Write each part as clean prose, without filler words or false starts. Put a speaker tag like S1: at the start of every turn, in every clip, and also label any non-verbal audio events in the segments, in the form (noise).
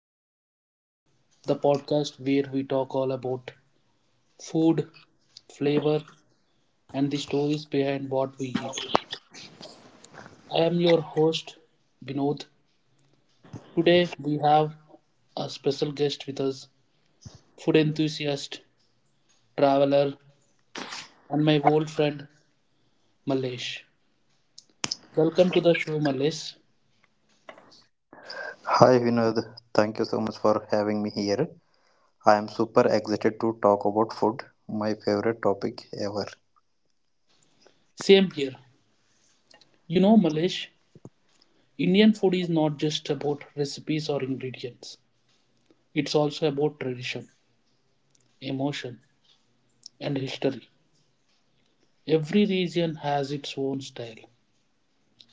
S1: of India, the podcast where we talk all about food, flavor, and the stories behind what we eat. I am your host, Vinod. Today, we have a special guest with us food enthusiast, traveler, and my old friend, Malesh. Welcome to the show, Malesh.
S2: Hi Vinod, thank you so much for having me here. I am super excited to talk about food, my favorite topic ever.
S1: Same here. You know, Malesh, Indian food is not just about recipes or ingredients, it's also about tradition. Emotion, and history. Every region has its own style,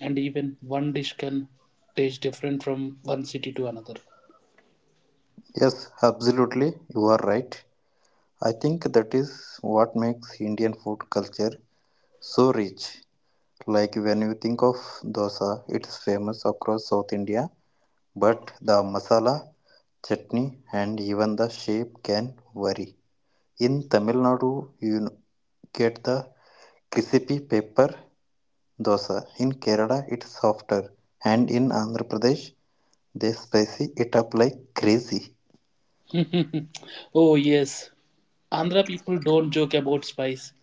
S1: and even one dish can taste different from one city to another.
S2: Yes, absolutely, you are right. I think that is what makes Indian food culture so rich. Like when you think of dosa, it's famous across South India, but the masala, chutney, and even the shape can vary. In Tamil Nadu, you get the crispy pepper dosa. In Kerala, it's softer, and in Andhra Pradesh, they spicy it up like crazy.
S1: (laughs) Oh, yes. Andhra people don't joke about spice.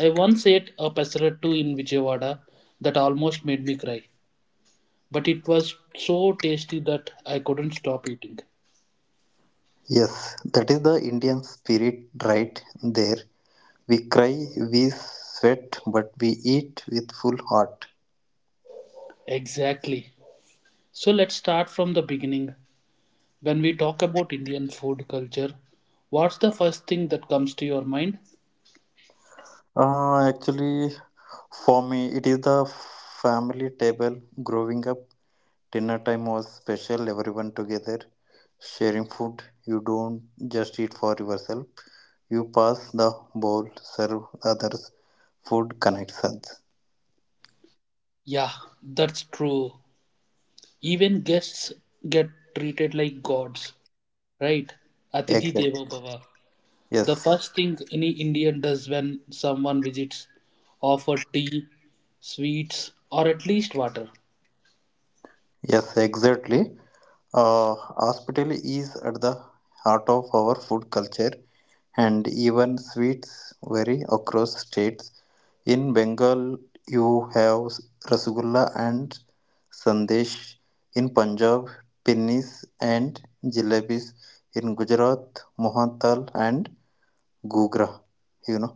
S1: I once ate a pesarattu in Vijayawada that almost made me cry, but it was so tasty that I couldn't stop eating.
S2: Yes, that is the Indian spirit right there. We cry, we sweat, but we eat with full heart.
S1: Exactly. So let's start from the beginning. When we talk about Indian food culture, what's the first thing that comes to your mind?
S2: Actually, for me, it is the family table. Growing up, dinner time was special, everyone together, sharing food. You don't just eat for yourself. You pass the ball, serve others. Food connections.
S1: Yeah, that's true. Even guests get treated like gods, right? Atithi
S2: Exactly.
S1: Devo Bhava. The
S2: Yes.
S1: first thing any Indian does when someone visits, offer tea, sweets, or at least water.
S2: Yes. Exactly. Hospitality is at the heart of our food culture, and even sweets vary across states. In Bengal, you have rasgulla and sandesh. In Punjab, pinnis and jalebis. In Gujarat, mohantal and gugra. You know.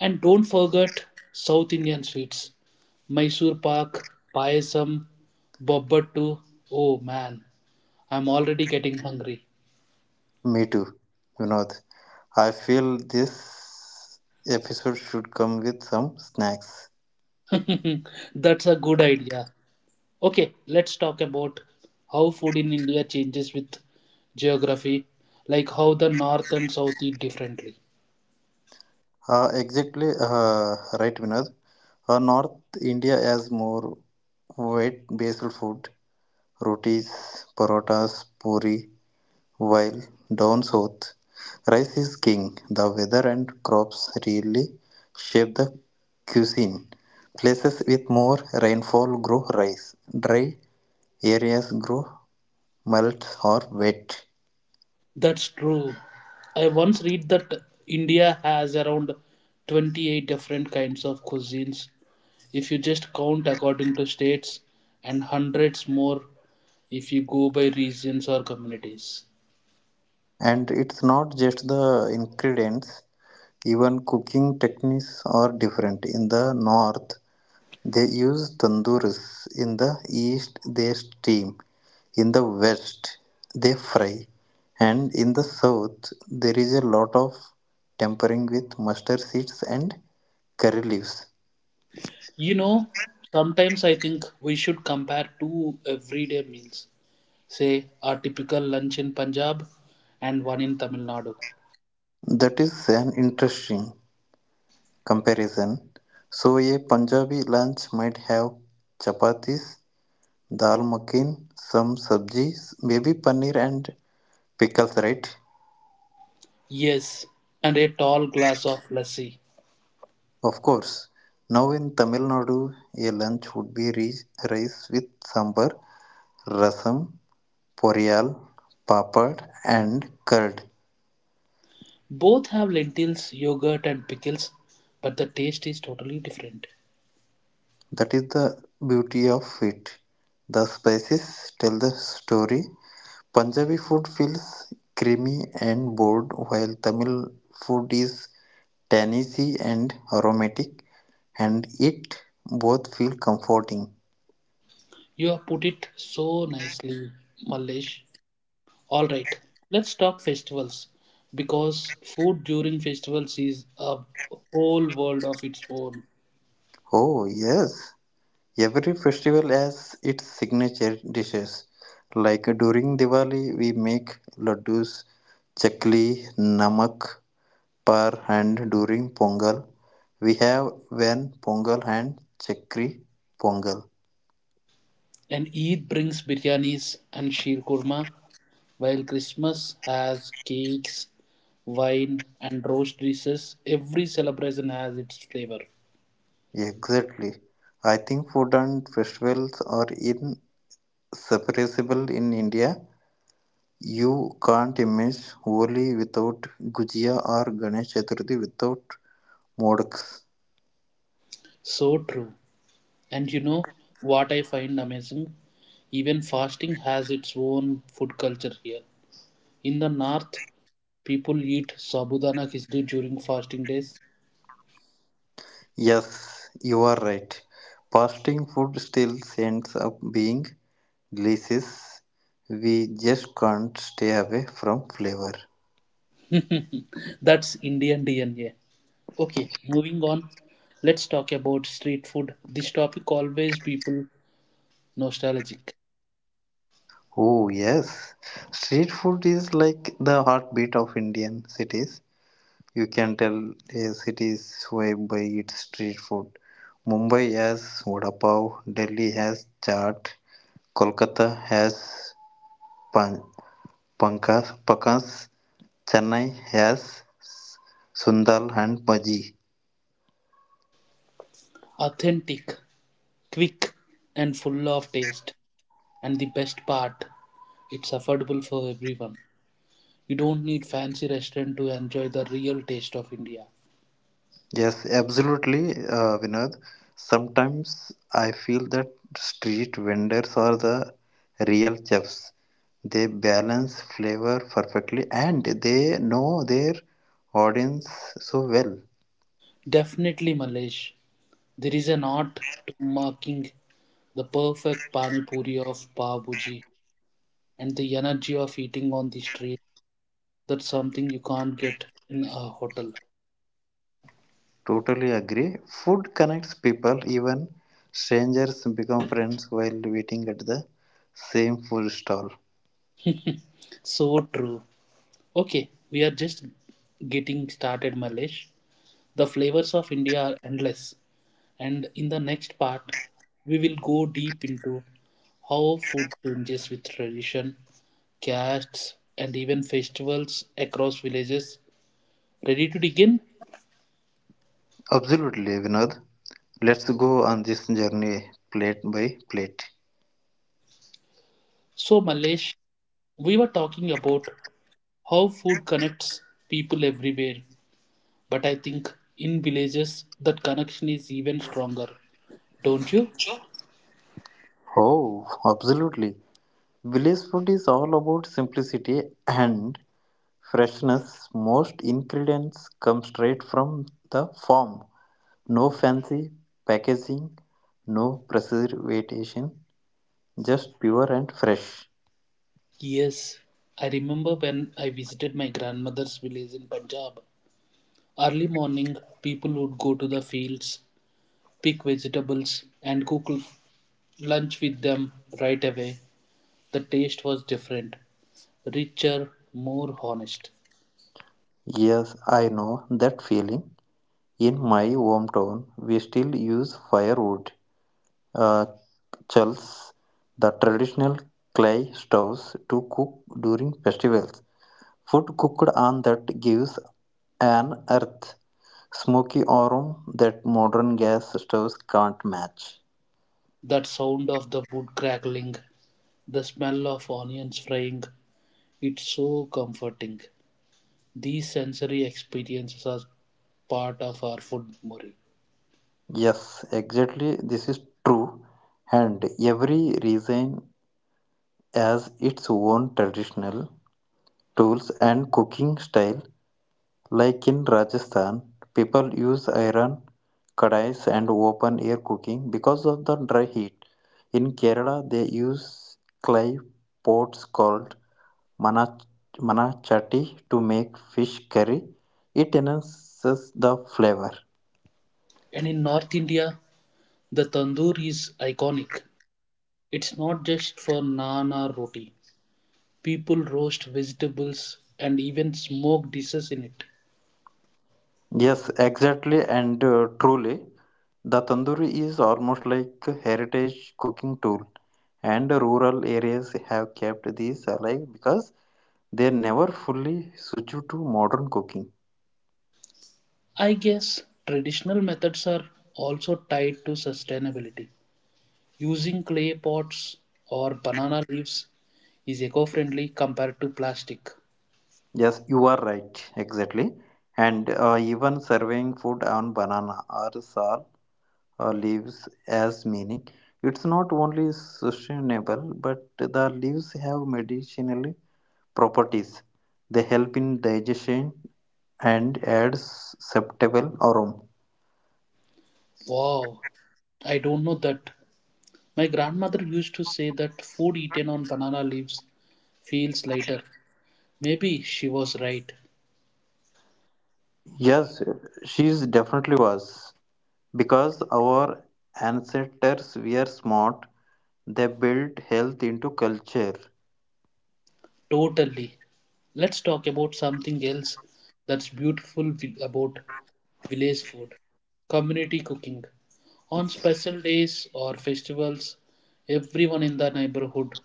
S1: And don't forget South Indian sweets. Mysore Pak, Payasam, Bobbattu. Oh man, I'm already getting hungry.
S2: Me too, Vinod. I feel this episode should come with some snacks.
S1: (laughs) That's a good idea. Okay, let's talk about how food in India changes with geography, like how the north and south eat differently.
S2: Exactly, right, Vinod. North India has more wet basil food, rotis, parotas, puri, while down south, rice is king. The weather and crops really shape the cuisine. Places with more rainfall grow rice, dry areas grow mouths or wet.
S1: That's true. I once read that India has around 28 different kinds of cuisines if you just count according to states, and hundreds more if you go by regions or communities.
S2: And it's not just the ingredients, even cooking techniques are different. In the north, they use tandooris; in the east, they steam; in the west, they fry; and in the south, there is a lot of tempering with mustard seeds and curry leaves.
S1: You know, sometimes I think we should compare two everyday meals say a typical lunch in Punjab and one in Tamil Nadu.
S2: That is an interesting comparison. So, a Punjabi lunch might have chapatis, dal makhani, some sabji, maybe paneer and pickles, right?
S1: Yes, and a tall glass of lassi.
S2: Of course. Now in Tamil Nadu, a lunch would be rice with sambar, rasam, poriyal, papad, and curd.
S1: Both have lentils, yogurt, and pickles, but the taste is totally different.
S2: That is the beauty of it. The spices tell the story. Punjabi food feels creamy and bold, while Tamil food is tangy and aromatic, and it both feel comforting.
S1: You have put it so nicely, Mallesh. All right, let's talk festivals because food during festivals is a whole world of its own.
S2: Oh, yes. Every festival has its signature dishes. Like during Diwali, we make laddus, chakli, namak, par, and during Pongal, we have when Pongal and chakri Pongal.
S1: And Eid brings biryanis and sheer kurma, while Christmas has cakes, wine, and roast dishes. Every celebration has its flavor.
S2: Exactly. I think food and festivals are inseparable in India. You can't miss Holi without Gujia or Ganesh Chaturthi without modaks.
S1: So true. And you know what I find amazing? Even fasting has its own food culture here. In the north, people eat sabudana khichdi during fasting days.
S2: Yes, you are right. Fasting food still ends up being delicious. We just can't stay away from flavor.
S1: That's Indian DNA. Okay, moving on. Let's talk about street food. This topic always people nostalgic,
S2: Oh, yes. Street food is like the heartbeat of Indian cities. You can tell a city's vibe by its street food. Mumbai has vada pav, Delhi has chaat, Kolkata has Pankaj, Chennai has Sundal and Maji.
S1: authentic, quick, and full of taste. And the best part, it's affordable for everyone. You don't need fancy restaurant to enjoy the real taste of India.
S2: Yes, absolutely, Vinod. Sometimes I feel that street vendors are the real chefs. They balance flavor perfectly and they know their audience so well.
S1: Definitely, Malesh. There is an art to marking the perfect pani puri of Pav Bhuji and the energy of eating on the street. That's something you can't get in a hotel.
S2: Totally agree. Food connects people, even strangers become friends while waiting at the same food stall.
S1: So true. Okay, we are just getting started, Malesh. The flavors of India are endless, and in the next part, we will go deep into how food changes with tradition, castes, and even festivals across villages. Ready to begin?
S2: Absolutely, Vinod. Let's go on this journey plate by plate.
S1: So, Malesh, we were talking about how food connects people everywhere, but I think in villages that connection is even stronger, don't you?
S2: Oh, absolutely. Village food is all about simplicity and freshness. Most ingredients come straight from the farm. No fancy packaging, no preservation, just pure and fresh.
S1: Yes, I remember when I visited my grandmother's village in Punjab. Early morning, people would go to the fields, pick vegetables, and cook lunch with them right away. The taste was different, richer, more honest.
S2: Yes, I know that feeling. In my hometown, we still use firewood, uh, chulls, the traditional clay stoves to cook during festivals. Food cooked on that gives an earth, smoky aroma that modern gas stoves can't match.
S1: That sound of the wood crackling, the smell of onions frying, it's so comforting. These sensory experiences are part of our food memory.
S2: Yes, exactly. This is true. And every region has its own traditional tools and cooking style. Like in Rajasthan, people use iron kadais and open air cooking because of the dry heat. In Kerala, they use clay pots called manach- manachati to make fish curry. It enhances the flavor.
S1: And in North India, the tandoor is iconic. It's not just for naan or roti. People roast vegetables and even smoke dishes in it.
S2: Yes, exactly, and truly. The tandoori is almost like a heritage cooking tool, and rural areas have kept these alive because they never fully switch to modern cooking.
S1: I guess traditional methods are also tied to sustainability. Using clay pots or banana leaves is eco friendly compared to plastic.
S2: Yes, you are right, exactly. And even serving food on banana or sal leaves as meaning. It's not only sustainable, but the leaves have medicinal properties. They help in digestion and adds acceptable aroma.
S1: Wow, I don't know that. My grandmother used to say that food eaten on banana leaves feels lighter. Maybe she was right.
S2: Yes, she's definitely was. Because our ancestors were smart, they built health into culture.
S1: Totally. Let's talk about something else that's beautiful about village food, community cooking. On special days or festivals, everyone in the neighborhood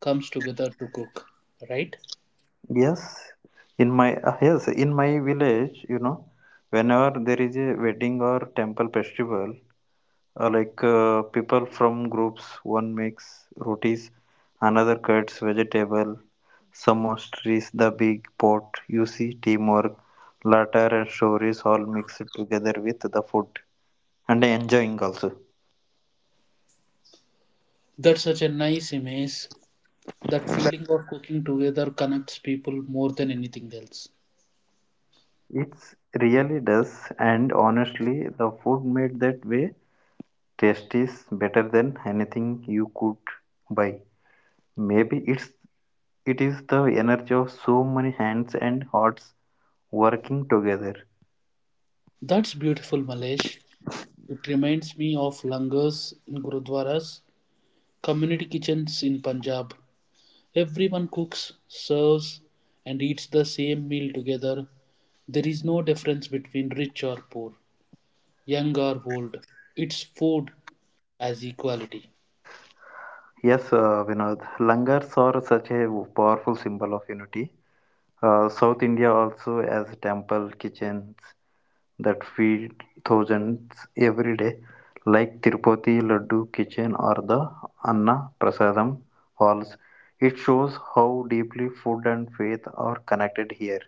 S1: comes together to cook, right?
S2: Yes, in my village, whenever there is a wedding or temple festival, like people from groups, one makes rotis, another cuts vegetable, Samoset is the big pot you see teamwork, laughter and stories all mixed together with the food and enjoying also.
S1: That's such a nice image. That feeling of cooking together connects people more than anything else.
S2: It really does, and honestly the food made that way taste is better than anything you could buy. Maybe it is the energy of so many hands and hearts working together.
S1: That's beautiful, Malesh. It reminds me of langars in gurudwaras, community kitchens in Punjab, everyone cooks, serves, and eats the same meal together. There is no difference between rich or poor, young or old. It's food as equality.
S2: Yes, Vinod, langars are such a powerful symbol of unity. South India also has temple kitchens that feed thousands every day, like Tirupati Laddu Kitchen or the Anna Prasadam halls. It shows how deeply food and faith are connected here.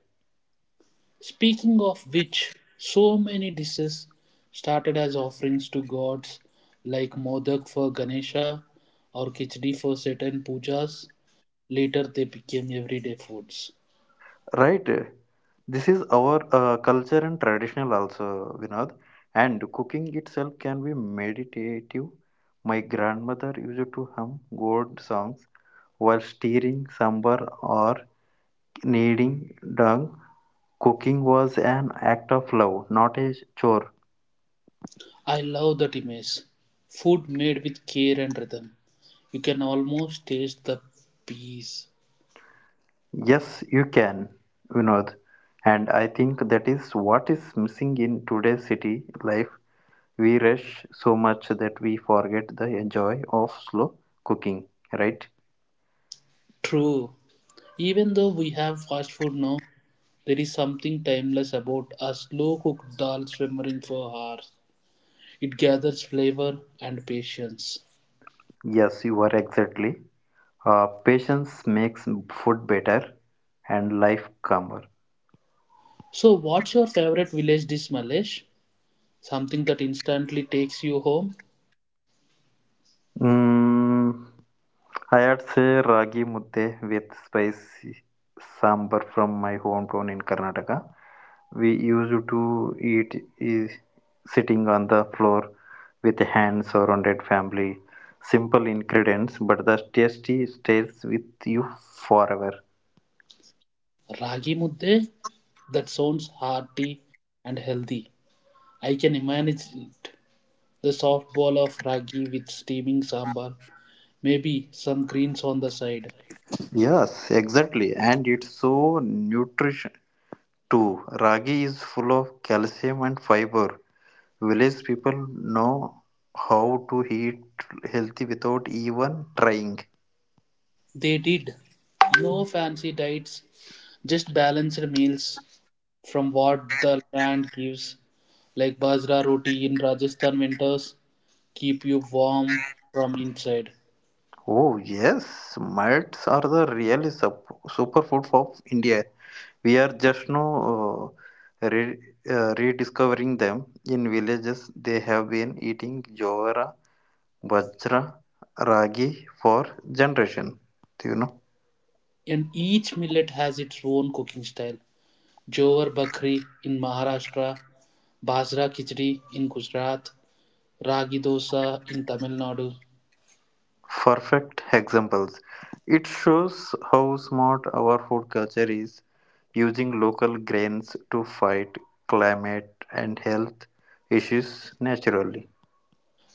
S1: Speaking of which, so many dishes started as offerings to gods like Modak for Ganesha or Kichdi for certain pujas. Later they became everyday foods.
S2: Right? This is our culture and traditional also, Vinod. And cooking itself can be meditative. My grandmother used to hum God songs while stirring sambar or kneading dough. Cooking was an act of love, not a chore.
S1: I love that image. Food made with care and rhythm. You can almost taste the peace.
S2: Yes, you can, Vinod. And I think that is what is missing in today's city life. We rush so much that we forget the joy of slow cooking, right?
S1: True. Even though we have fast food now, there is something timeless about a slow cooked dal simmering for hours. It gathers flavor and patience.
S2: Yes, you are exactly. Patience makes food better and life calmer.
S1: So, what's your favorite village dish, Malesh? Something that instantly takes you home?
S2: Mm, I had say ragi mudde with spicy sambar from my hometown in Karnataka. We used to eat is sitting on the floor with hands surrounded family. Simple ingredients, but the tasty stays with you forever.
S1: Ragi mudde? That sounds hearty and healthy. I can imagine it. The soft ball of ragi with steaming sambar, maybe some greens on the side.
S2: Yes, exactly, and it's so nutrition too. Ragi is full of calcium and fiber. Village people know how to eat healthy without even trying.
S1: They did. No fancy diets, just balanced meals from what the land gives, like bajra roti in Rajasthan winters, keep you warm from inside.
S2: Oh, yes, millets are the real superfood of India. We are just now rediscovering them. In villages, they have been eating jowara, bajra, ragi for generation. Do you know?
S1: And each millet has its own cooking style. Jowar Bakri in Maharashtra, Bajra Khichdi in Gujarat, Ragi Dosa in Tamil Nadu.
S2: Perfect examples. It shows how smart our food culture is, using local grains to fight climate and health issues naturally.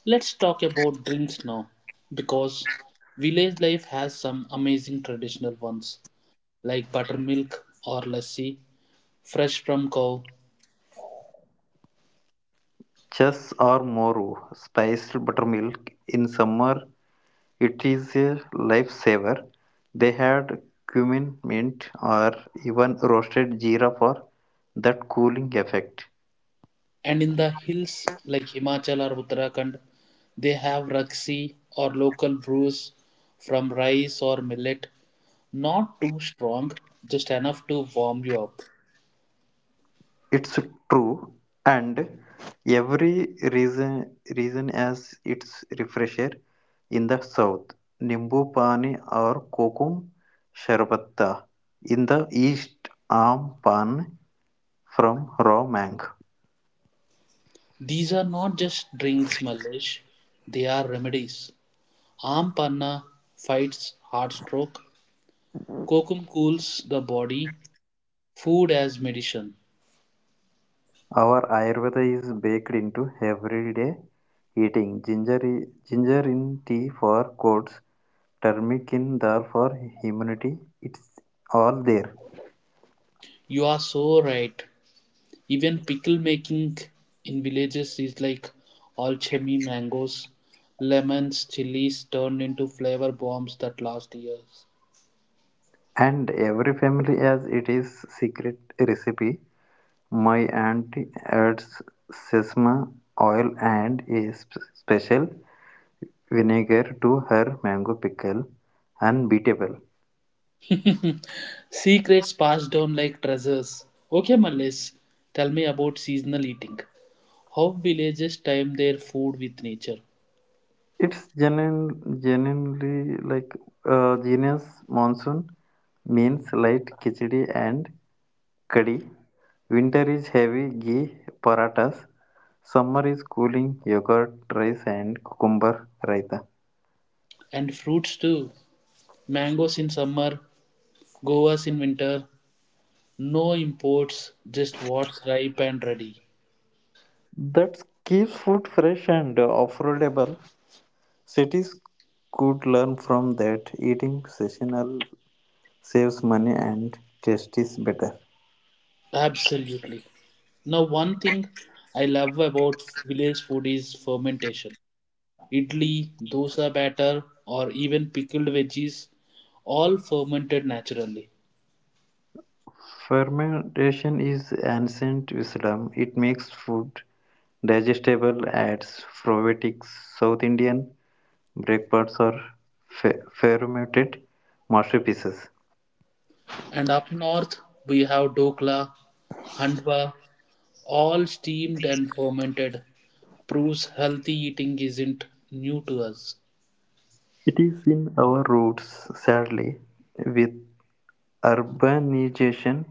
S1: Let's talk about drinks now, because village life has some amazing traditional ones like buttermilk or lassi, fresh from cow,
S2: Chas or moru, spiced buttermilk in summer, it is a lifesaver. They had cumin, mint, or even roasted jeera for that cooling effect.
S1: and in the hills like Himachal or Uttarakhand, they have raksi or local brews from rice or millet, not too strong, just enough to warm you up.
S2: It's true, and every reason as its refresher in the south. Nimbu pani or kokum sharbatta in the east. Aam pan from raw mango.
S1: These are not just drinks, Malesh, they are remedies. Arm panna fights heart stroke, Kokum cools the body, food as medicine.
S2: Our Ayurveda is baked into everyday eating. Ginger in tea for colds, turmeric in dal for immunity. It's all there.
S1: You are so right. Even pickle making in villages is like alchemy mangoes, lemons, chilies turned into flavor bombs that last years.
S2: And every family has it is secret recipe. My aunt adds sesame oil and a special vinegar to her mango pickle, unbeatable.
S1: (laughs) Secrets passed down like treasures. Okay, Malis, tell me about seasonal eating. How villages time their food with nature
S2: It's genuinely like genius monsoon means light khichdi and kadi. Winter is heavy ghee paratas. Summer is cooling yogurt, rice and cucumber raita.
S1: and fruits too. Mangoes in summer, goas in winter, no imports, just what's ripe and ready.
S2: That keeps food fresh and affordable. Cities could learn from that. Eating seasonal saves money and taste is better.
S1: Absolutely. Now, one thing I love about village food is fermentation. Idli, dosa batter, or even pickled veggies, all fermented naturally.
S2: Fermentation is ancient wisdom; it makes food digestible. At Proveitic South Indian breakfasts are fermented masterpieces.
S1: And up north, we have dokla, handwa, all steamed and fermented. Proves healthy eating isn't new to us.
S2: It is in our roots, sadly. With urbanization,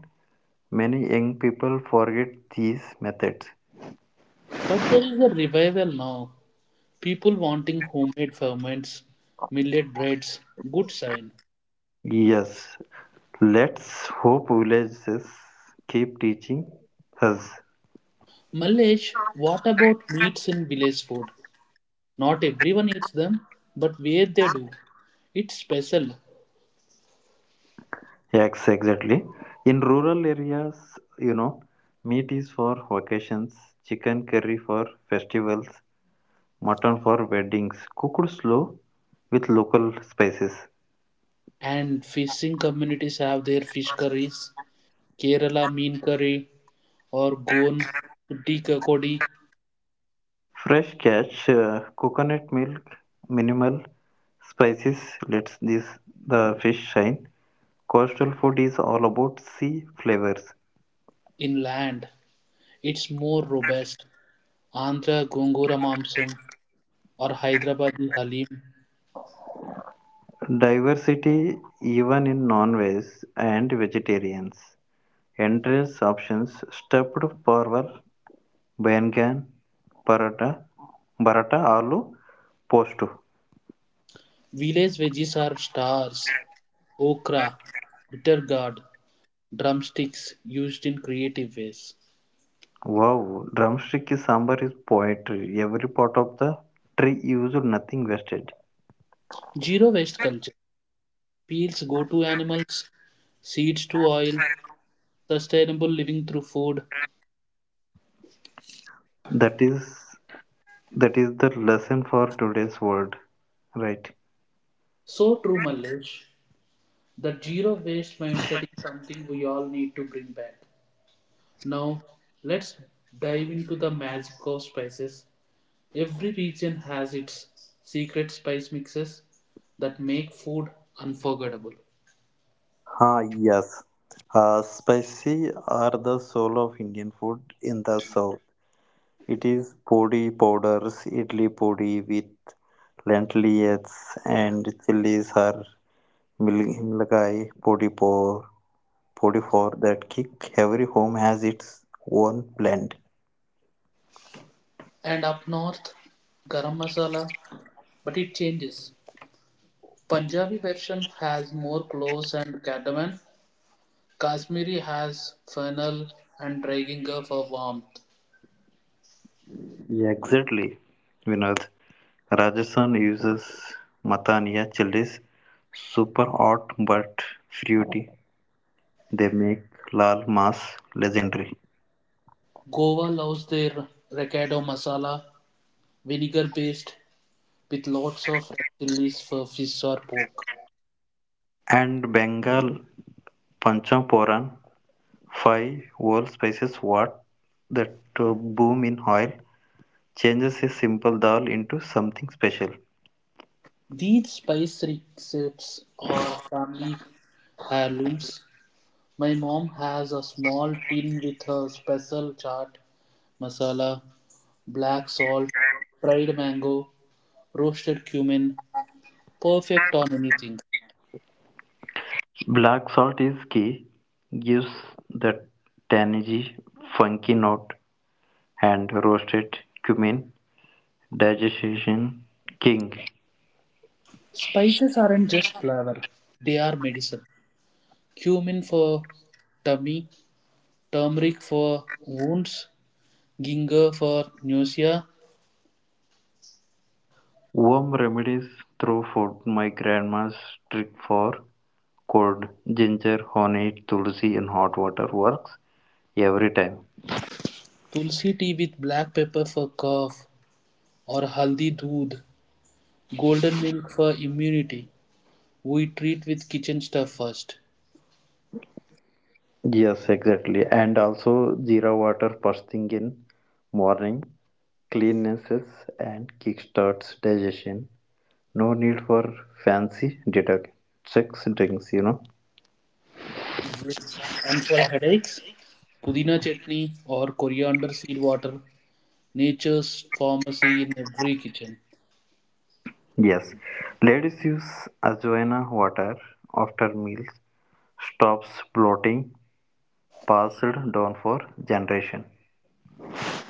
S2: many young people forget these methods.
S1: But there is a revival now. People wanting homemade ferments, millet breads, good sign.
S2: Yes, let's hope villages keep teaching us.
S1: Mallesh, what about meats in village food? Not everyone eats them, but where they do, it's special.
S2: Yes, exactly. In rural areas, you know, meat is for vacations, chicken curry for festivals, mutton for weddings, cooked slow with local spices.
S1: And fishing communities have their fish curries, Kerala mean curry or Goan Kudi
S2: Fresh catch, coconut milk, minimal spices lets this the fish shine. Coastal food is all about sea flavors,
S1: in land. It's more robust. Andhra Gongura Mamsum or Hyderabadi Halim.
S2: diversity even in non-veg and vegetarians. Endless options, stuffed pork, ban can paratha paratha aloo post.
S1: Village veggies are stars. Okra, bitter gourd, drumsticks used in creative ways.
S2: Wow, drumstick is sambar is poetry. Every part of the tree used, nothing wasted.
S1: Zero waste culture. Peels go to animals, seeds to oil, sustainable living through food.
S2: That is that is the lesson for today's world, right?
S1: So true, Mallesh. The zero waste mindset is something we all need to bring back. Now, let's dive into the magic of spices. Every region has its secret spice mixes that make food unforgettable.
S2: Ah, yes. Spicy are the soul of Indian food in the south. It is podi powders, idli podi with lentils and chilies are milgai podi por. 44 that kick every home has its own blend.
S1: And up north, garam masala but it changes. Punjabi version has more cloves and cardamom. Kashmiri has fennel and dry ginger for warmth.
S2: Yeah, exactly, Vinod. Rajasthan uses Matania chilies, super hot but fruity. They make Lal Mas legendary.
S1: Goa loves their recado masala, vinegar paste with lots of red chilies for fish or pork.
S2: And Bengal Panchaporan, five whole spices what that boom in oil, changes a simple dal into something special.
S1: These spice receipts are family heirlooms. My mom has a small tin with her special chaat masala, black salt, dried mango, roasted cumin, perfect on anything.
S2: Black salt is key, gives the tangy, funky note, and roasted cumin, digestion king.
S1: Spices aren't just flavor, they are medicine. Cumin for tummy, turmeric for wounds, ginger for nausea,
S2: Warm remedies through food, my grandma's trick for cold ginger, honey, tulsi, and hot water works every time.
S1: tulsi tea with black pepper for cough, or haldi doodh, golden milk for immunity. We treat with kitchen stuff first.
S2: Yes, exactly. And also Jira water first thing in morning cleanses and kickstarts digestion. No need for fancy detox drinks.
S1: Yes. And for headaches, pudina chutney or coriander seed water, nature's pharmacy in every kitchen.
S2: Yes. Ladies use ajwaina water after meals. Stops bloating passed down for generation.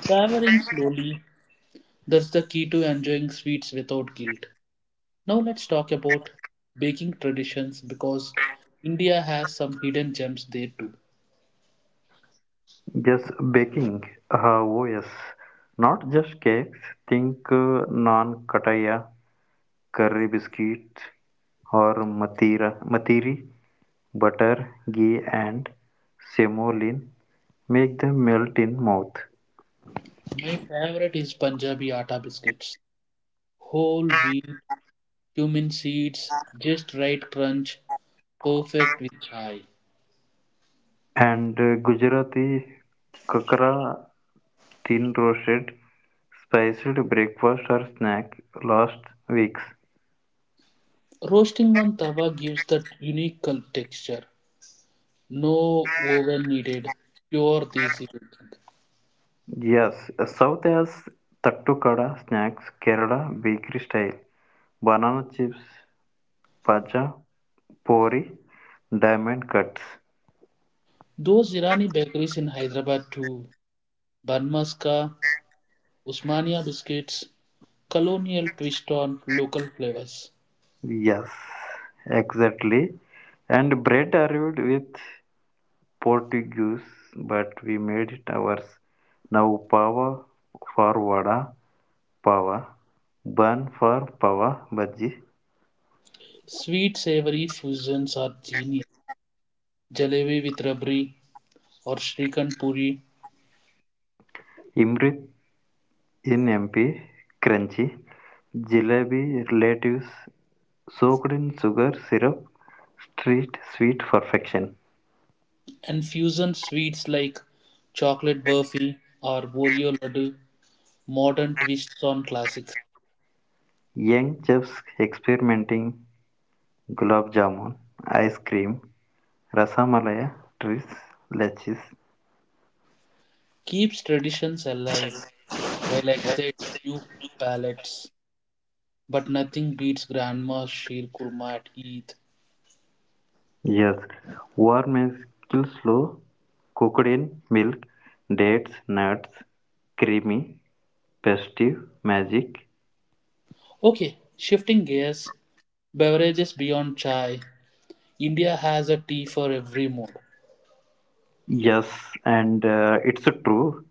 S1: Traveling slowly, that's the key to enjoying sweets without guilt. Now let's talk about baking traditions because India has some hidden gems there too.
S2: Yes, baking. Oh, yes. Not just cakes. Think non kataya करेबिस्किट और मतीरा मतीरी butter ghee and semolina make they melt in mouth
S1: My favorite is Punjabi atta biscuits. Whole wheat, cumin seeds, just right crunch, perfect with chai.
S2: And Gujarati khakhra thin roasted spiced breakfast और snack last weeks
S1: Roasting on tawa gives that unique texture. No oven needed. Pure desi baking.
S2: Yes south एस तटुकड़ा snacks Kerala bakery style banana chips pazham pori diamond cuts
S1: Those Irani bakeries in Hyderabad too. Banmaska, Usmania biscuits, colonial twist on local flavors.
S2: Yes, exactly. And bread arrived with Portuguese, but we made it ours. Now pava for vada, pava, bun for pava bhaji,
S1: Sweet savory fusions are genius. Jalebi with rabri or Srikhand puri
S2: imrit in MP, crunchy, jalebi relatives soaked in sugar syrup, street sweet perfection.
S1: and fusion sweets like chocolate burfi or Oreo laddu. Modern twists on classics
S2: Young chefs experimenting gulab jamun, ice cream, rasamalaya, trees, leches.
S1: keeps traditions alive while exciting new palates. But nothing beats grandma's sheer kurma at Eid.
S2: Yes, warm means kill slow, cooked in milk, dates, nuts, creamy, festive, magic.
S1: Okay, shifting gears, beverages beyond chai. India has a tea for every mood.
S2: Yes, and it's true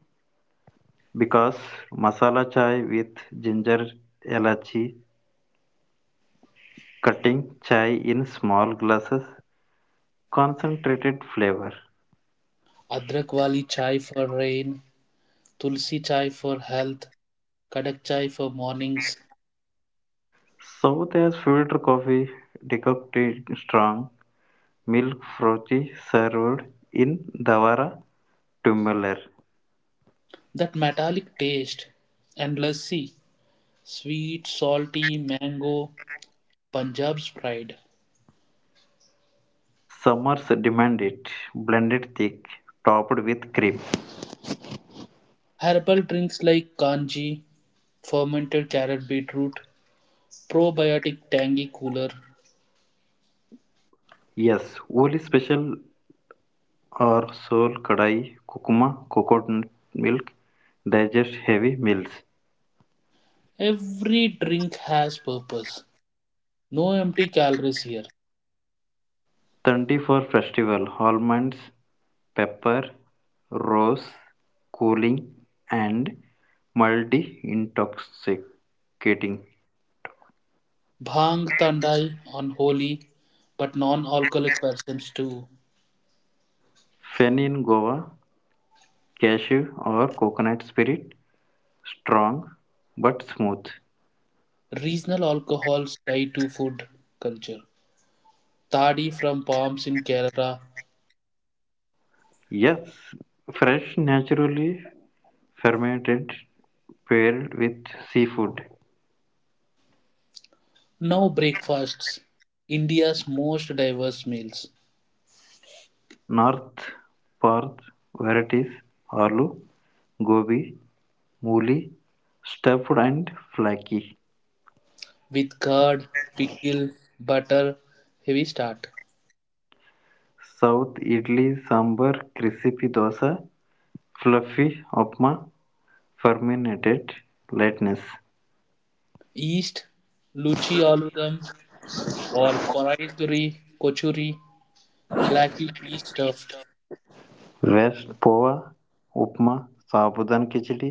S2: because masala chai with ginger, elachi, cutting chai in small glasses, concentrated flavor.
S1: Adrak wali chai for rain, tulsi chai for health, kadak chai for mornings.
S2: South has filter coffee, decocted strong, milk frothy, served in Davara tumbler.
S1: That metallic taste and lassi, sweet, salty, mango, Punjab's pride.
S2: Summers demand it, blended thick, topped with cream.
S1: Herbal drinks like kanji, fermented carrot beetroot, probiotic tangy cooler.
S2: Yes, only special or soul kadai, kukuma, coconut milk, digest heavy meals.
S1: Every drink has purpose. No empty calories here.
S2: Thundi for festival, almonds, pepper, rose, cooling, and multi intoxicating.
S1: Bhang tandai on holy, but non-alcoholic persons too.
S2: Fen in Goa, cashew or coconut spirit, strong but smooth.
S1: Regional alcohols tied to food culture. Tadi from palms in Kerala.
S2: Yes, fresh, naturally fermented, paired with seafood.
S1: Now breakfasts. India's most diverse meals
S2: North Perth varieties are gobi, mooli, stuffed and flaky.
S1: with curd, pickle, butter, heavy start.
S2: South idli, sambar, crispy dosa, fluffy upma, fermented lightness.
S1: East, luchi aludam or koraituri, kochuri, flaky pea stuffed.
S2: West pova, upma, sabudan khichdi,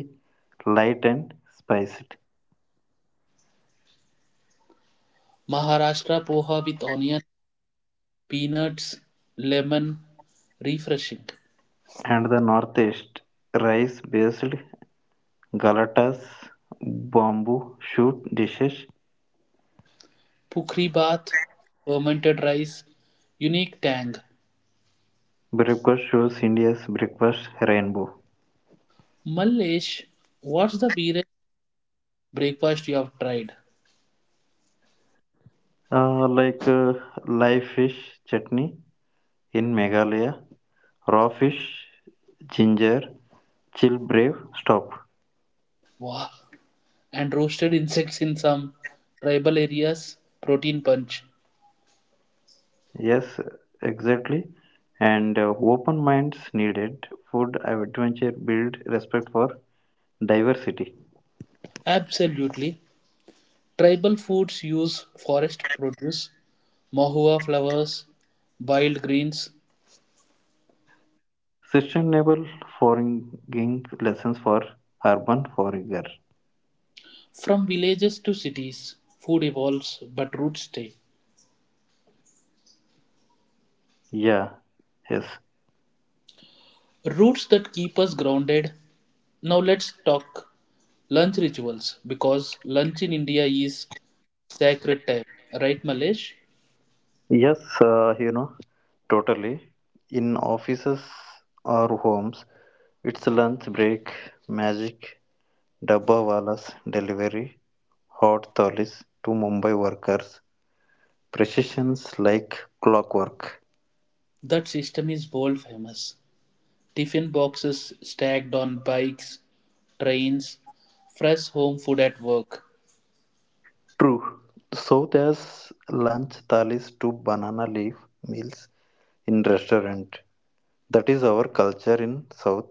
S2: light and spiced.
S1: Maharashtra poha with onion, peanuts, lemon, refreshing.
S2: And the northeast, rice-based galatas, bamboo shoot dishes.
S1: Pukri bath, fermented rice, unique tang.
S2: Breakfast shows India's breakfast rainbow.
S1: Mallesh, what's the weirdest breakfast you have tried?
S2: Uh, like uh, Live fish chutney in Meghalaya, raw fish, ginger, chill brave, stop.
S1: Wow. And roasted insects in some tribal areas, protein punch.
S2: Yes, exactly. And open minds needed. Food adventure build respect for diversity.
S1: Absolutely. Tribal foods use forest produce, mahua flowers, wild greens.
S2: Sustainable foraging lessons for urban forager.
S1: From villages to cities, food evolves, but roots stay.
S2: Yeah, yes,
S1: Roots that keep us grounded. Now let's talk lunch rituals because lunch in India is sacred time, right, Malesh?
S2: yes. Totally. In offices or homes, it's lunch break, magic, dabba walas, delivery, hot tholis to Mumbai workers. Precisions like clockwork.
S1: That system is world famous. Tiffin boxes stacked on bikes, trains, fresh home food at work.
S2: True. So there's lunch thalis to banana leaf meals in restaurant. That is our culture in South,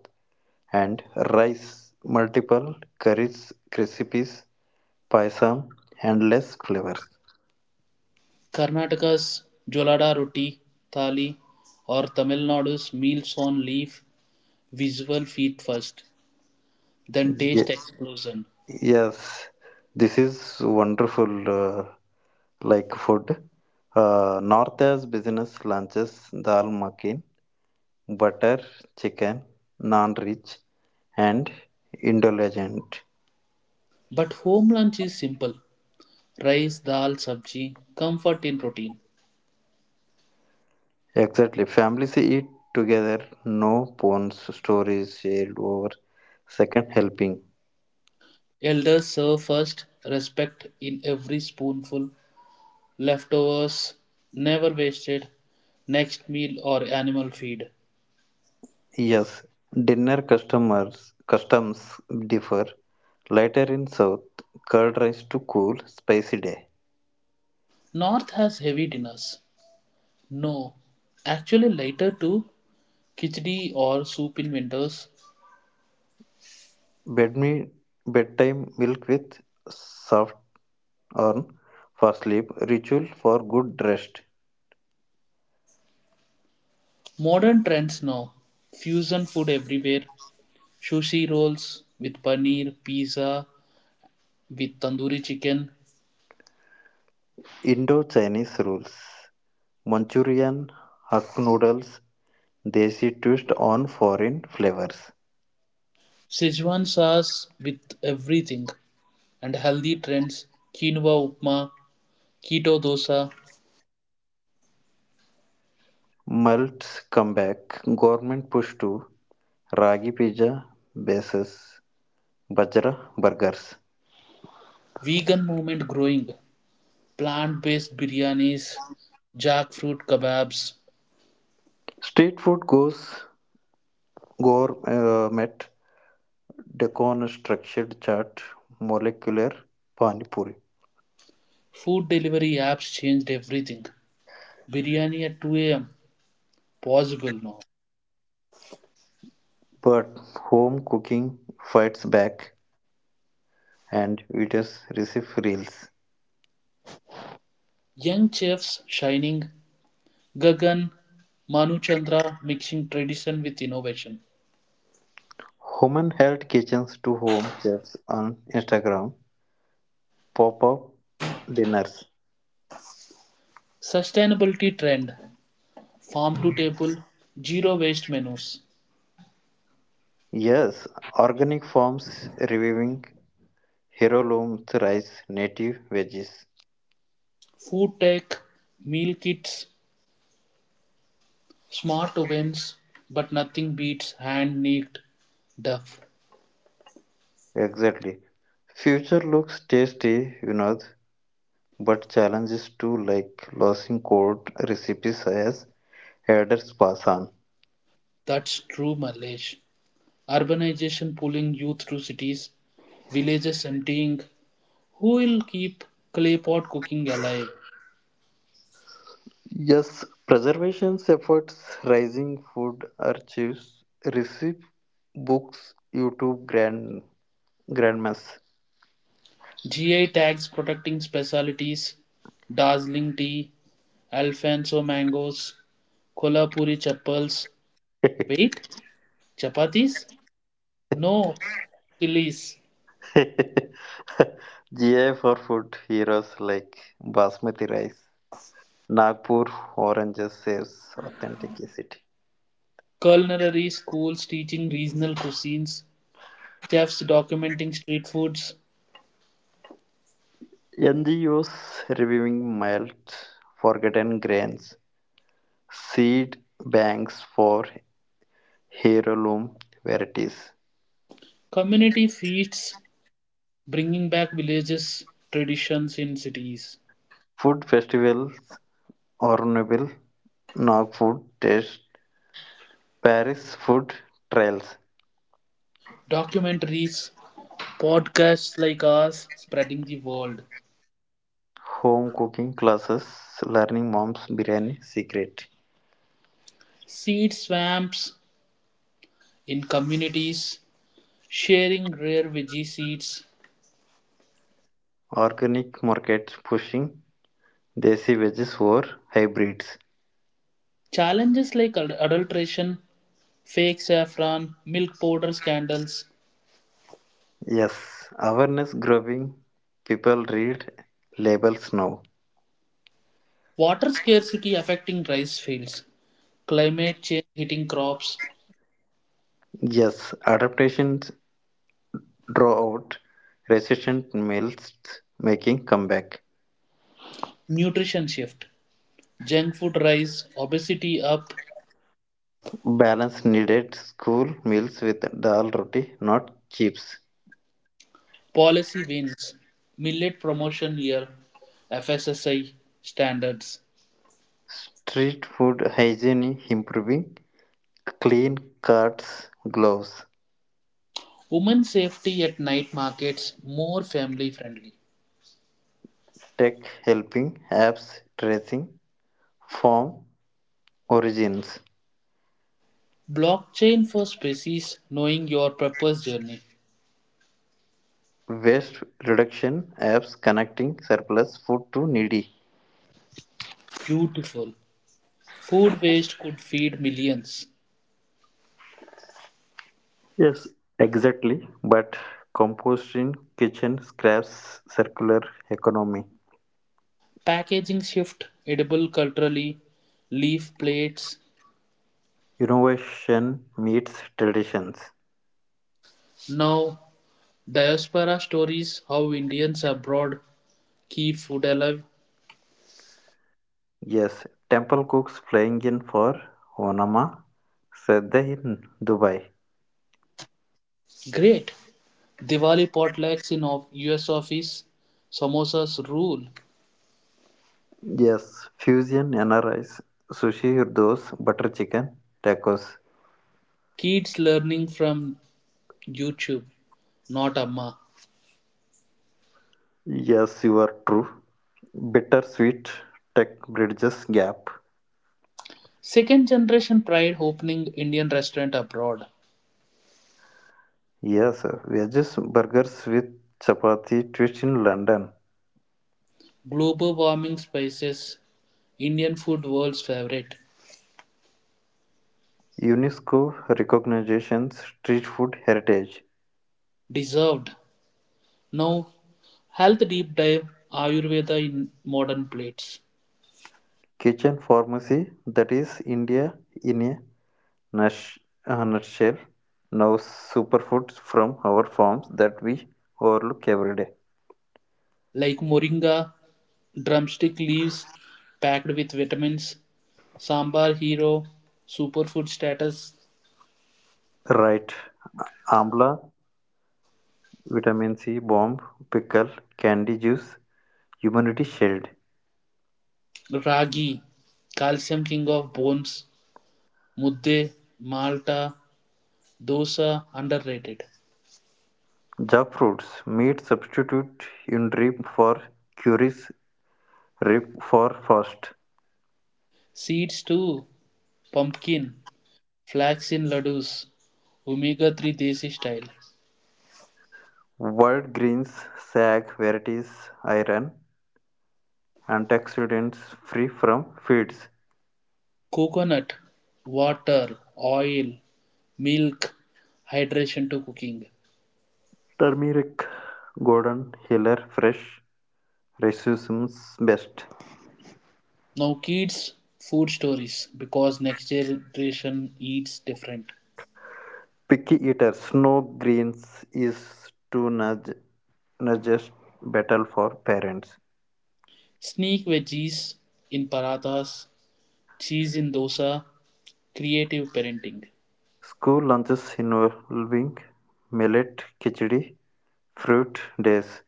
S2: and rice multiple curries recipes paisam endless flavors.
S1: Karnataka's Jolada roti, thali, or Tamil Nadu's meals on leaf, visual feet first, then taste
S2: Ye-
S1: explosion.
S2: yes this is wonderful, uh, like food, north has business lunches, dal makhani, butter chicken, non rich and indulgent.
S1: But home lunch is simple rice, dal, sabji, comfort in routine.
S2: Exactly, families eat together, no phones, stories shared over second helping.
S1: Elders serve first, respect in every spoonful, leftovers never wasted, next meal or animal feed.
S2: Yes, dinner customers customs differ. Later in South, curd rice to cool, spicy day.
S1: North has heavy dinners. No, actually later too, khichdi or soup in winters.
S2: Bed me bedtime milk with soft on for sleep. Ritual for good rest.
S1: Modern trends now, fusion food everywhere, sushi rolls with paneer, pizza with tandoori chicken,
S2: Indo-Chinese rules. Manchurian hak noodles. Desi twist on foreign flavors.
S1: Sichuan sauce with everything, and healthy trends, quinoa upma, keto dosa,
S2: Malts comeback. Government push to ragi pizza bases. Bajra burgers.
S1: vegan movement growing. Plant-based biryanis, jackfruit kebabs,
S2: Street food goes gourmet, deconstructed chaat, molecular pani puri.
S1: food delivery apps changed everything. Biryani at 2 a.m. possible now.
S2: But home cooking fights back, and eaters receive reels.
S1: Young chefs shining, Gagan, Manu Chandra mixing tradition with innovation.
S2: Human held kitchens to home chefs on Instagram pop up dinners.
S1: Sustainability trend, farm to table, zero waste menus,
S2: Yes, organic farms reviving heirloom rice, native veggies.
S1: food tech, meal kits, smart ovens, but nothing beats hand kneaded duff.
S2: Exactly. Future looks tasty, you know. But challenges too, like losing court recipes as herders pass on.
S1: That's true, Malaysia. Urbanization pulling youth to cities, villages emptying. Who will keep clay pot cooking alive?
S2: Yes, preservation efforts, rising food archives, recipe books, YouTube grandmas. (laughs)
S1: GI tags protecting specialties, Darjeeling tea, Alfonso mangoes, Kolhapuri chapels. Wait, chapatis? No, chilies.
S2: GI for food heroes like basmati rice, Nagpur oranges saves authenticity.
S1: Culinary schools teaching regional cuisines, chefs documenting street foods,
S2: NGOs reviewing mild forgotten grains, seed banks for heirloom varieties.
S1: community feasts bringing back villages traditions in cities.
S2: Food festivals, Orneville, Nog Food Taste, Paris Food Trails,
S1: Documentaries, podcasts like ours spreading the world,
S2: home cooking classes, learning mom's biryani secret,
S1: seed swamps in communities, sharing rare veggie seeds,
S2: organic markets pushing desi veggies or hybrids.
S1: challenges like adulteration, fake saffron, milk powder scandals,
S2: Yes, awareness growing. People read labels now.
S1: water scarcity affecting rice fields, climate change hitting crops,
S2: Yes, adaptations draw out resistant males making comeback.
S1: nutrition shift, junk food rise, obesity up,
S2: Balance needed school meals with dal roti, not chips.
S1: policy wins, millet promotion year, FSSI standards.
S2: Street food hygiene improving, clean carts, gloves.
S1: Women safety at night markets more family friendly.
S2: Tech helping, apps tracing form origins.
S1: Blockchain for species knowing your purpose journey.
S2: Waste reduction, apps connecting surplus food to needy.
S1: Beautiful. Food waste could feed millions.
S2: Yes, exactly. But composting, kitchen scraps, circular economy.
S1: Packaging shift edible culturally. Leaf plates.
S2: Innovation meets traditions.
S1: Now diaspora stories how Indians abroad keep food alive.
S2: Yes, Temple Cooks flying in for Onama Sadeh in Dubai.
S1: Great. Diwali potlucks in of US office. Samosas rule.
S2: Yes, fusion N R Is sushi, those butter chicken, tacos.
S1: Kids learning from YouTube, not Amma.
S2: Yes, you are true. Bitter sweet tech bridges gap.
S1: Second generation pride opening Indian restaurant abroad.
S2: Yes, wedges burgers with chapati twist in London.
S1: Global warming spices. Indian food world's favorite.
S2: UNESCO recognition street food heritage.
S1: Deserved. Now, health deep dive Ayurveda in modern plates.
S2: Kitchen pharmacy, that is India in a nuts, nutshell, now superfoods from our farms that we overlook every day.
S1: Like moringa, drumstick leaves packed with vitamins, sambar hero, superfood status,
S2: Right, amla, vitamin C bomb, pickle, candy juice, immunity shield.
S1: ragi, calcium king of bones, mudde, malta, dosa underrated.
S2: Jackfruits, meat substitute in rib for curries, rib for fast.
S1: Seeds too. Pumpkin, flax in laddus, omega 3 desi style,
S2: Wild greens, sag varieties, iron, antioxidants free from feeds.
S1: coconut, water, oil, milk, hydration to cooking.
S2: Turmeric, golden, healer fresh, raisins best.
S1: Now, kids' food stories because next generation eats different.
S2: Picky eaters know greens is too nutritious, battle for parents.
S1: Sneak veggies in parathas, cheese in dosa, creative parenting.
S2: School lunches involving millet khichdi, fruit days,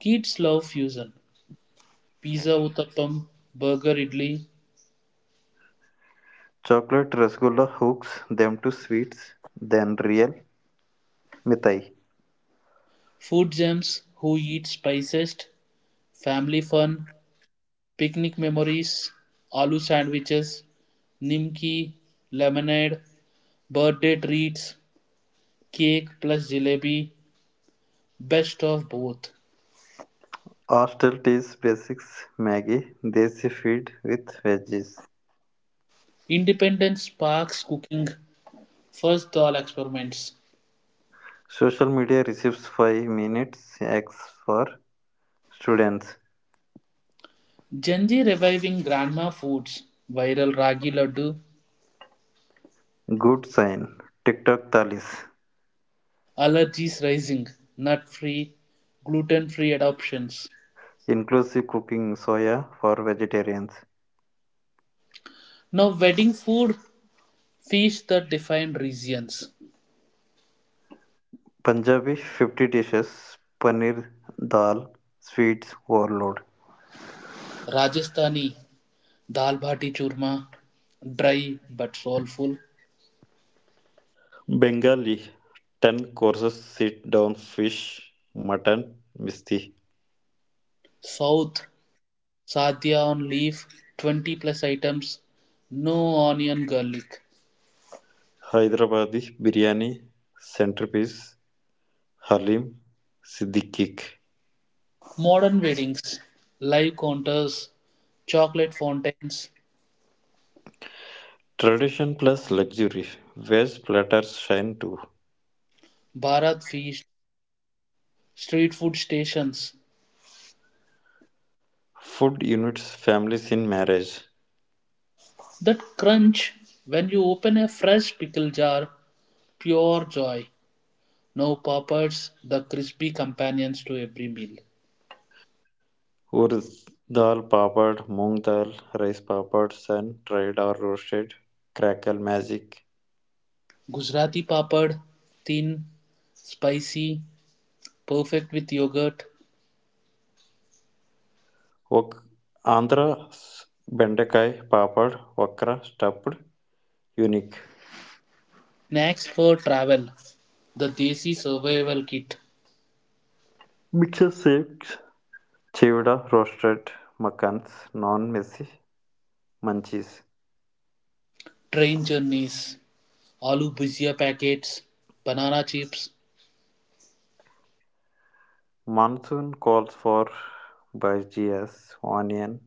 S1: Kids love fusion. Pizza uttappam, burger idli,
S2: chocolate rasgulla hooks them to sweets than real mithai.
S1: food gems, who eats spiciest, family fun, picnic memories, aloo sandwiches, Nimki, lemonade, birthday treats, cake plus jalebi, best of both.
S2: Hostel teas basics maggie, desi feed with veggies.
S1: Independence Park's cooking, first doll experiments.
S2: Social media receives 5 minutes X for students.
S1: Genji reviving grandma foods, viral ragi laddu,
S2: Good sign. TikTok thalis.
S1: allergies rising, nut free, gluten free adoptions.
S2: Inclusive cooking soya for vegetarians.
S1: Now, wedding food feast that define regions.
S2: Punjabi 50 dishes. Paneer dal. Sweets overload.
S1: Rajasthani Dal bati churma, dry but soulful.
S2: Bengali 10 courses sit down fish, mutton, misti.
S1: South, sadhya on leaf, 20 plus items, no onion, garlic.
S2: Hyderabadi biryani centerpiece. Halim Siddiqui.
S1: Modern weddings, live counters, chocolate fountains,
S2: Tradition plus luxury. Veg platters shine too.
S1: Bharat feast, street food stations.
S2: Food units families in marriage.
S1: That crunch when you open a fresh pickle jar, pure joy. No papads, the crispy companions to every meal.
S2: Urd dal papad, moong dal, rice papad, sun dried or roasted, crackle magic.
S1: Gujarati papad, thin, spicy, perfect with yogurt.
S2: Vok- Andhra bendakai papad, vakra stuffed, unique.
S1: Snacks for travel. The Desi Survival Kit.
S2: Mixed shakes, chivda roasted, makans, non-messy, munchies.
S1: Train journeys. Aloo bhujia packets. Banana chips.
S2: Monsoon calls for bhajias, onion,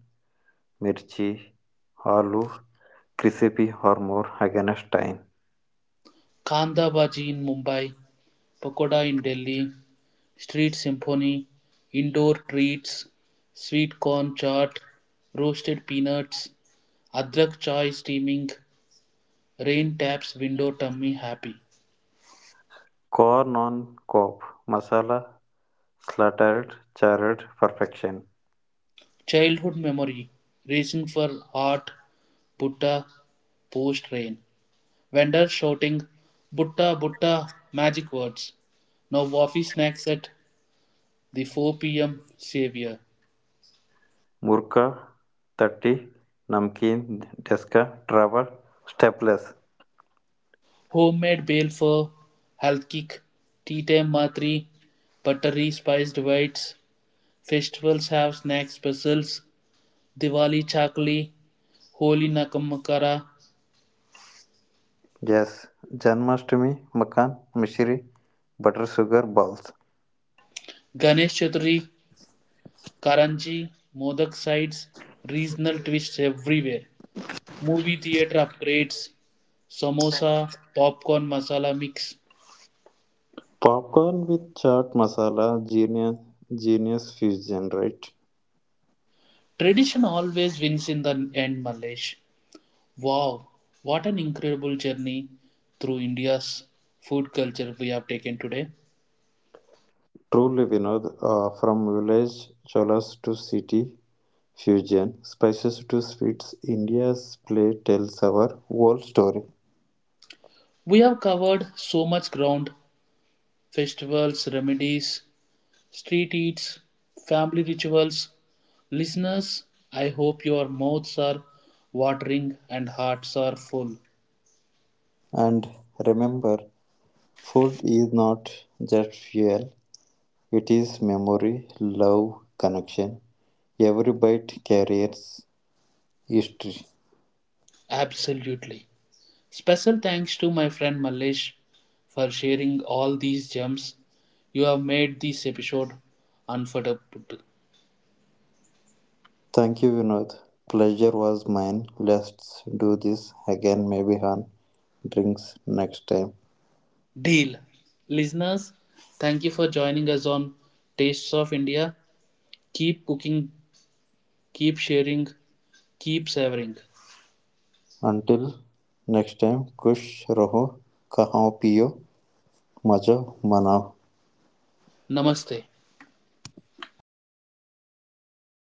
S2: mirchi, aloo, crispy or more against time.
S1: Kanda bhaji in Mumbai. Pakoda in Delhi. Street symphony. Indoor treats. Sweet corn chaat. Roasted peanuts. Adrak chai steaming. Rain taps window tummy happy.
S2: Corn on cob masala slathered charred perfection
S1: Childhood memory. Racing for art, Butta. Post rain. Vendors shouting "Butta Butta," magic words. No waffy snacks at the 4 p.m. savior.
S2: Murukku तटी नमकीन डेस्का travel staples
S1: Homemade balefur, halkik, tea time matri, buttery spiced whites. Festivals have snack specials. Diwali chakli, Holi nakamakara,
S2: जस Janmashtami makhan mishri butter sugar balls
S1: Ganesh Chaturthi, Karanji, modak sides, regional twists everywhere. Movie theater upgrades, samosa, popcorn masala mix.
S2: Popcorn with chaat masala genius genius fusion right
S1: Tradition always wins in the end, Malesh. Wow, what an incredible journey through India's food culture we have taken today.
S2: True living ah from village chawls to city fusion spices to sweets India स्प्लेटेल्�.
S1: We have covered so much ground festivals, remedies, street eats, family rituals. Listeners, I hope your mouths are watering and hearts are full.
S2: And remember, food is not just fuel, it is memory, love, connection. Every bite carries history.
S1: Absolutely. Special thanks to my friend Mallesh for sharing all these gems. You have made this episode unforgettable.
S2: Thank you, Vinod. Pleasure was mine. Let's do this again, maybe on drinks next time.
S1: Deal. Listeners, thank you for joining us on Tastes of India. Keep cooking, keep sharing, keep savoring.
S2: Until next time, खुश रहो, खाओ पियो, मजो मनाओ.
S1: Namaste.
S2: Thank you, Vinod.